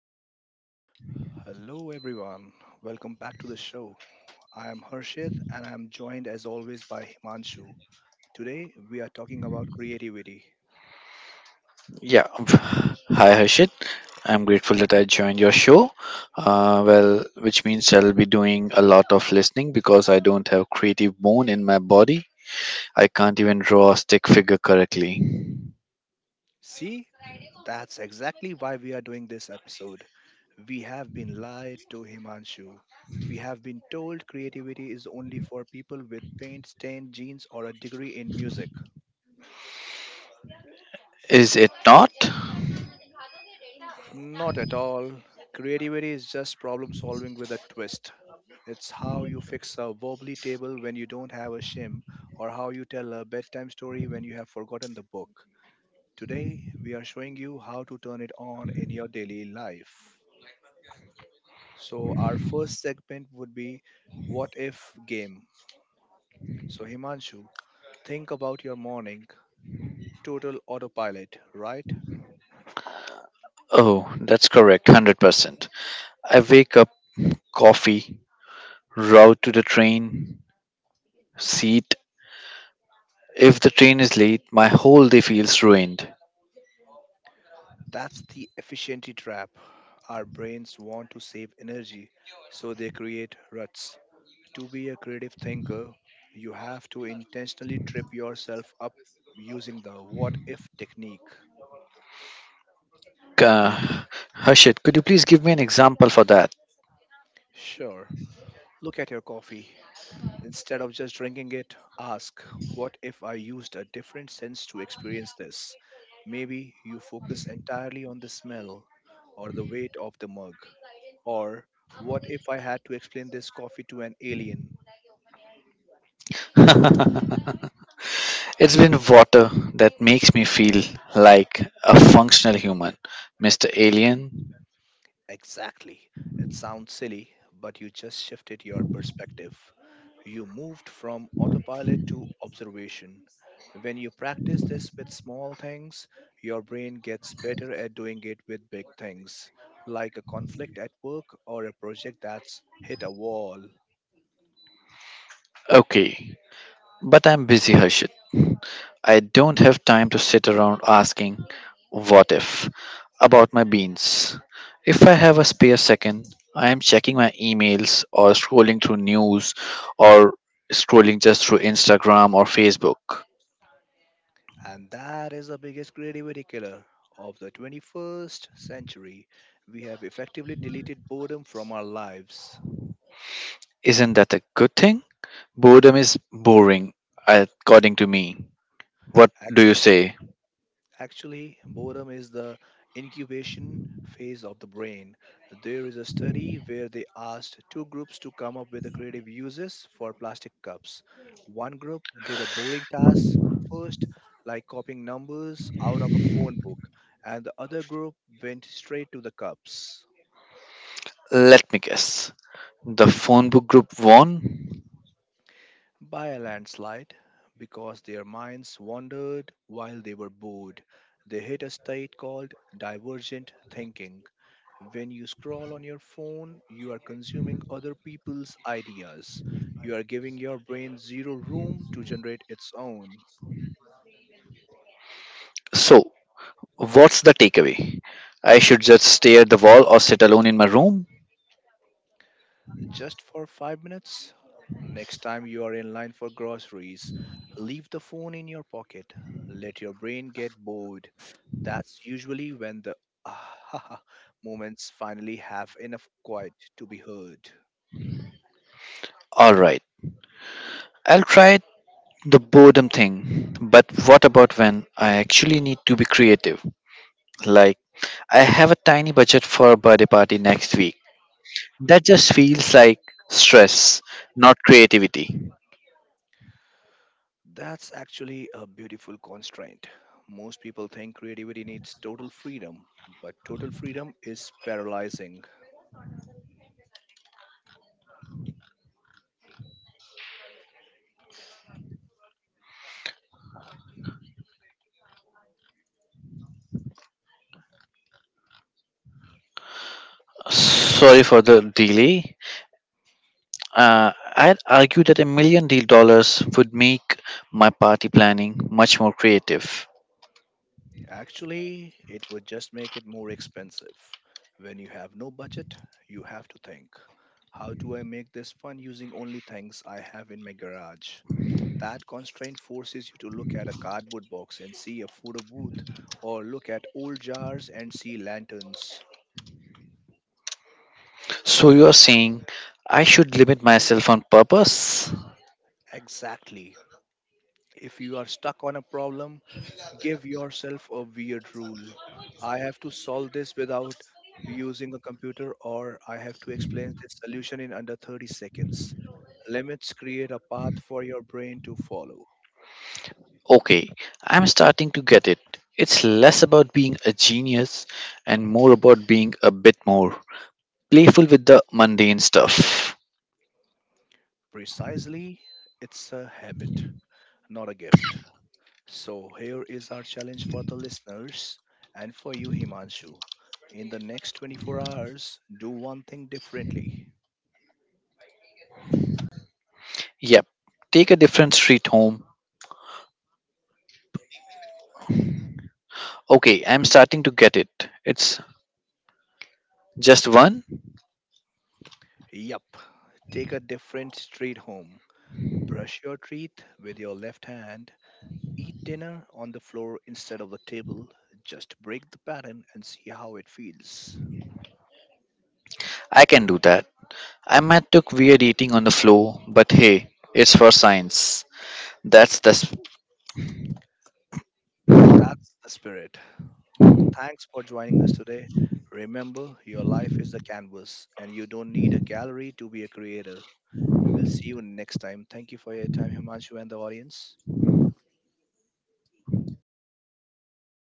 Hello, everyone. Welcome back to the show. I am Harshit and I am joined as always by Himanshu. Today, we are talking about creativity. Yeah. Hi, Harshit. I'm grateful that I joined your show. Well, which means I'll be doing a lot of listening because I don't have creative bone in my body. I can't even draw a stick figure correctly. See, that's exactly why we are doing this episode. We have been lied to, Himanshu. We have been told creativity is only for people with paint stained jeans or a degree in music. Is it not? Not at all. Creativity is just problem solving with a twist. It's how you fix a wobbly table when you don't have a shim, or how you tell a bedtime story when you have forgotten the book. Today, we are showing you how to turn it on in your daily life. So, our first segment would be What If Game. So, Himanshu, think about your morning, total autopilot, right? Oh, that's correct, 100%. I wake up, coffee, route to the train, seat. If the train is late, my whole day feels ruined. That's the efficiency trap. Our brains want to save energy, so they create ruts. To be a creative thinker, you have to intentionally trip yourself up using the what if technique. Uh, Harshit, could you please give me an example for that? Sure, look at your coffee. Instead of just drinking it, ask, what if I used a different sense to experience this? Maybe you focus entirely on the smell or the weight of the mug. Or, what if I had to explain this coffee to an alien? It's been water that makes me feel like a functional human, Mr. Alien. Exactly. It sounds silly, but you just shifted your perspective. You moved from autopilot to observation. When you practice this with small things, your brain gets better at doing it with big things, like a conflict at work or a project that's hit a wall. Okay, but I'm busy, Harshit. I don't have time to sit around asking what if about my beans. If I have a spare second, I am checking my emails or scrolling through news or scrolling just through Instagram or Facebook. And that is the biggest creativity killer of the 21st century. We have effectively deleted boredom from our lives. Isn't that a good thing? Boredom is boring, according to me. What do you Actually, say? Actually, boredom is the incubation phase of the brain. There is a study where they asked two groups to come up with the creative uses for plastic cups. One group did a boring task first, like copying numbers out of a phone book, and the other group went straight to the cups Let me guess. The phone book group won? by a landslide because their minds wandered while they were bored. They hit a state called divergent thinking. When you scroll on your phone, you are consuming other people's ideas. You are giving your brain zero room to generate its own. So, what's the takeaway? I should just stare at the wall or sit alone in my room? Just for 5 minutes? Next time you are in line for groceries, leave the phone in your pocket. Let your brain get bored. That's usually when the ah moments finally have enough quiet to be heard. Alright, I'll try the boredom thing. But what about when I actually need to be creative? Like, I have a tiny budget for a birthday party next week. That just feels like stress, not creativity. That's actually a beautiful constraint. Most people think creativity needs total freedom, but total freedom is paralyzing. Sorry for the delay. I'd argue that a million deal dollars would make my party planning much more creative. Actually, it would just make it more expensive. When you have no budget, you have to think, how do I make this fun using only things I have in my garage? That constraint forces you to look at a cardboard box and see a photo booth, or look at old jars and see lanterns. So you're saying I should limit myself on purpose? Exactly. If you are stuck on a problem, give yourself a weird rule. I have to solve this without using a computer, or I have to explain this solution in under 30 seconds. Limits create a path for your brain to follow. Okay, I'm starting to get it. It's less about being a genius and more about being a bit more playful with the mundane stuff. Precisely, it's a habit, not a gift. So, here is our challenge for the listeners and for you, Himanshu. In the next 24 hours, do one thing differently. Yep, take a different street home. Okay, I'm starting to get it. It's just one? Yup. Take a different street home. Brush your teeth with your left hand. Eat dinner on the floor instead of the table. Just break the pattern and see how it feels. I can do that. I might look weird eating on the floor, but hey, it's for science. That's the s- That's the spirit. Thanks for joining us today. Remember, your life is the canvas and you don't need a gallery to be a creator. We will see you next time. Thank you for your time, Himanshu, and the audience.